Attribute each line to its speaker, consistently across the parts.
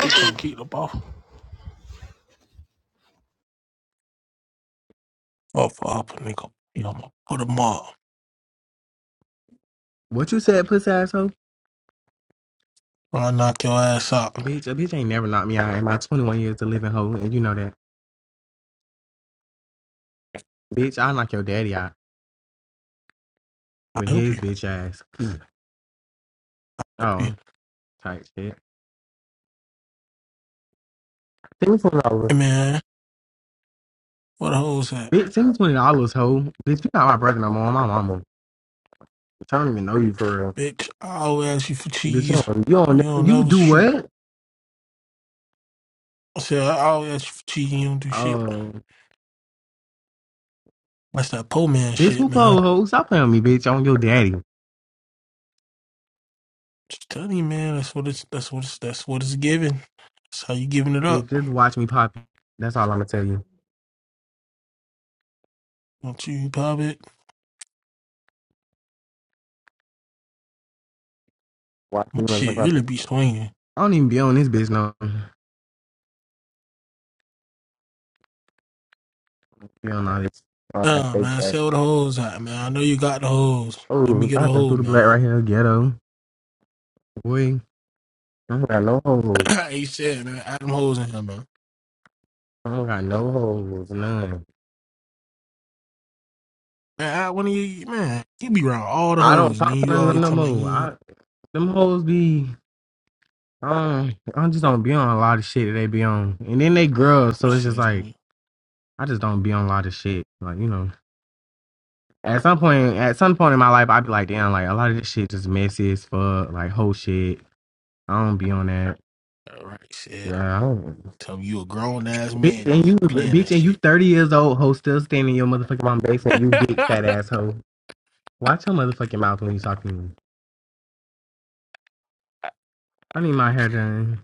Speaker 1: They gonna keep the ball off up, nigga. You know, I'm gonna put them up.
Speaker 2: What you said, pussy asshole?
Speaker 1: When I knock your ass out,
Speaker 2: Bitch, a bitch ain't never knocked me out in my 21 years of living hoe, and you know that. Bitch, I knock your daddy out
Speaker 1: I
Speaker 2: with
Speaker 1: help you.
Speaker 2: his
Speaker 1: Help
Speaker 2: bitch ass.
Speaker 1: you.
Speaker 2: Oh, type shit. Send me twenty
Speaker 1: Hey
Speaker 2: dollars.
Speaker 1: man, where the hoes at?
Speaker 2: Bitch, send me twenty dollars, hoe. Bitch, you not my brother no more. I'm my mama. Bitch, I don't even know you for real.
Speaker 1: Bitch, I always ask you for
Speaker 2: Bitch, you
Speaker 1: cheese.
Speaker 2: don't, you don't
Speaker 1: You
Speaker 2: never,
Speaker 1: don't
Speaker 2: you
Speaker 1: never
Speaker 2: do
Speaker 1: shoot.
Speaker 2: what?
Speaker 1: I said, I always ask you for cheese and you don't do shit.
Speaker 2: Oh,
Speaker 1: That's that poor man
Speaker 2: bitch,
Speaker 1: shit,
Speaker 2: who pull
Speaker 1: man.
Speaker 2: hoe? Stop playing with me, bitch. I'm your daddy.
Speaker 1: Just tell you, man, that's what it's that's what it's that's what it's giving. That's how you giving it
Speaker 2: Bitch,
Speaker 1: up.
Speaker 2: just watch me pop. it. That's all I'm gonna tell you.
Speaker 1: Don't you pop it?
Speaker 2: Watch
Speaker 1: My
Speaker 2: me motherfucker
Speaker 1: shit
Speaker 2: pop
Speaker 1: really
Speaker 2: it.
Speaker 1: be swinging.
Speaker 2: I don't even be on this bitch no. Be on all this. All that
Speaker 1: Uh
Speaker 2: fake
Speaker 1: man,
Speaker 2: ass
Speaker 1: sell the hoes out, man. I know you got the hoes. Let me
Speaker 2: Oh,
Speaker 1: get a
Speaker 2: I done threw
Speaker 1: hold,
Speaker 2: the black
Speaker 1: man.
Speaker 2: right here, ghetto. Boy, I don't got no hoes.
Speaker 1: He said, man. Adam hoes in him, man.
Speaker 2: I don't got no hoes, none.
Speaker 1: Man, I, when he man, he be around all the
Speaker 2: I don't
Speaker 1: hoes, and then
Speaker 2: talk to
Speaker 1: you
Speaker 2: none of them
Speaker 1: always
Speaker 2: no
Speaker 1: talking about
Speaker 2: more.
Speaker 1: you ain't-
Speaker 2: I, them hoes be, um, I just don't be on a lot of shit that they be on. And then they girls, so it's
Speaker 1: this
Speaker 2: just
Speaker 1: is
Speaker 2: like,
Speaker 1: man.
Speaker 2: I just don't be on a lot of shit. Like, you know, at some point, at some point in my life, I'd be like, damn, like, a lot of this shit just messy as fuck, like, whole shit. I don't be on that.
Speaker 1: all right. Said,
Speaker 2: Yeah, I don't.
Speaker 1: tell him you a grown ass
Speaker 2: Bitch,
Speaker 1: man, and
Speaker 2: and
Speaker 1: you
Speaker 2: you,
Speaker 1: ain't playing
Speaker 2: bitch,
Speaker 1: that
Speaker 2: and you
Speaker 1: shit.
Speaker 2: 30 years old, hoe, still standing in your motherfucking mom basement, you big fat asshole. Watch your motherfucking mouth when you talk to me. I need my hair done.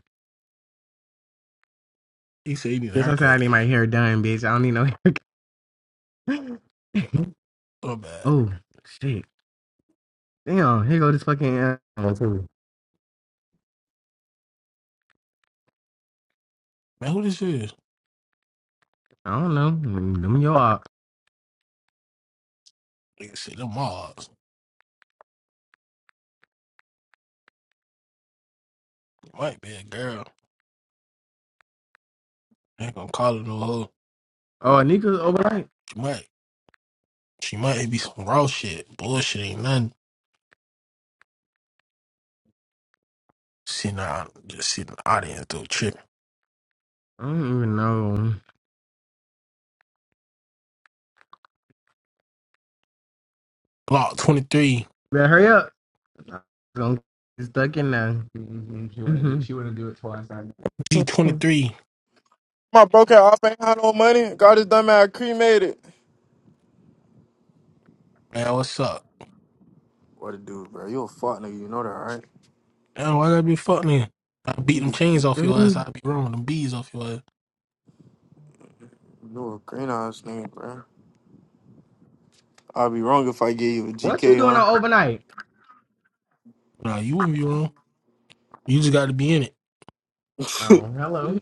Speaker 1: he said he need a
Speaker 2: This I said I
Speaker 1: haircut.
Speaker 2: need my hair done, bitch. I don't need no hair.
Speaker 1: So bad,
Speaker 2: oh shit! Damn, here go this fucking. Uh, one, two.
Speaker 1: man. Who this is?
Speaker 2: I don't know. Let me your op.
Speaker 1: Nigga said them mobs. It might be a girl. I ain't gonna call her no hoe.
Speaker 2: Oh, Anika's overnight.
Speaker 1: She might, she might be some raw shit. Bullshit ain't nothing. Sitting out, just sitting in the audience though, tripping.
Speaker 2: I don't even know.
Speaker 1: Block twenty three,
Speaker 2: Better hurry up. I'm gonna get stuck in there. Mm-hmm. She wouldn't do she wouldn't do it twice. I-
Speaker 1: G twenty three.
Speaker 3: My broke ass off ain't had no money. Got his dumb ass cremated.
Speaker 1: Man, what's up?
Speaker 3: What a dude, bro. You a fuck nigga. You know that, right?
Speaker 1: Damn, why that be fucking I beat
Speaker 3: You
Speaker 1: them
Speaker 3: be-
Speaker 1: chains off your ass.
Speaker 2: Mhm.
Speaker 1: I'd be wrong. Them bees off your ass.
Speaker 3: you a green ass nigga, bro. I'd be wrong if I gave you a
Speaker 2: What you
Speaker 3: GK,
Speaker 2: doing
Speaker 3: huh?
Speaker 2: on overnight?
Speaker 1: Nah, you wouldn't be wrong. You just got to be in it.
Speaker 2: Oh, hello.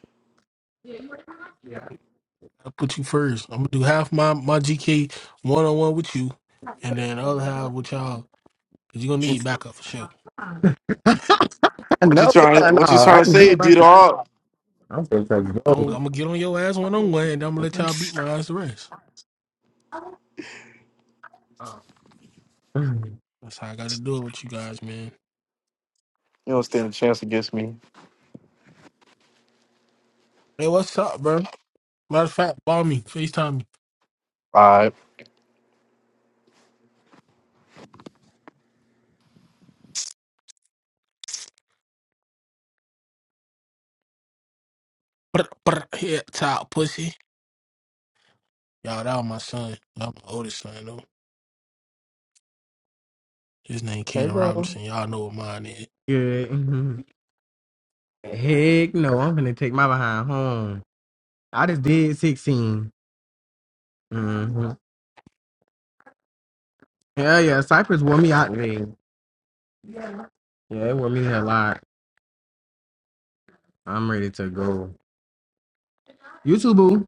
Speaker 1: I put you first. I'm gonna do half my my GK one on one with you, and then the other half with y'all. Cause you gonna need backup for sure.
Speaker 3: What you
Speaker 2: no,
Speaker 3: trying?
Speaker 2: yeah, no.
Speaker 3: What you
Speaker 2: I
Speaker 3: trying to
Speaker 2: just
Speaker 3: say,
Speaker 2: did my
Speaker 3: D
Speaker 2: thing.
Speaker 3: dog?
Speaker 2: I'm supposed to
Speaker 1: I'm,
Speaker 2: go.
Speaker 1: I'm gonna get on your ass one on one, and I'm gonna let y'all beat my ass the rest.
Speaker 2: Oh.
Speaker 1: That's how I got to do it with you guys, man.
Speaker 3: You don't stand a chance against me.
Speaker 1: Hey, what's up, bro? Matter of fact, call me, Facetime me. Brr, brr, head top pussy. Y'all, that was my son. That was my oldest son though. His name
Speaker 2: Hey,
Speaker 1: Kaden
Speaker 2: girl.
Speaker 1: Robinson. Y'all know what mine is.
Speaker 2: Good. Heck no, I'm gonna take my behind home. I just did 16. Mm-hmm. Yeah, yeah. Cypress wore me out today. Yeah, it wore me a lot. I'm ready to go. YouTube.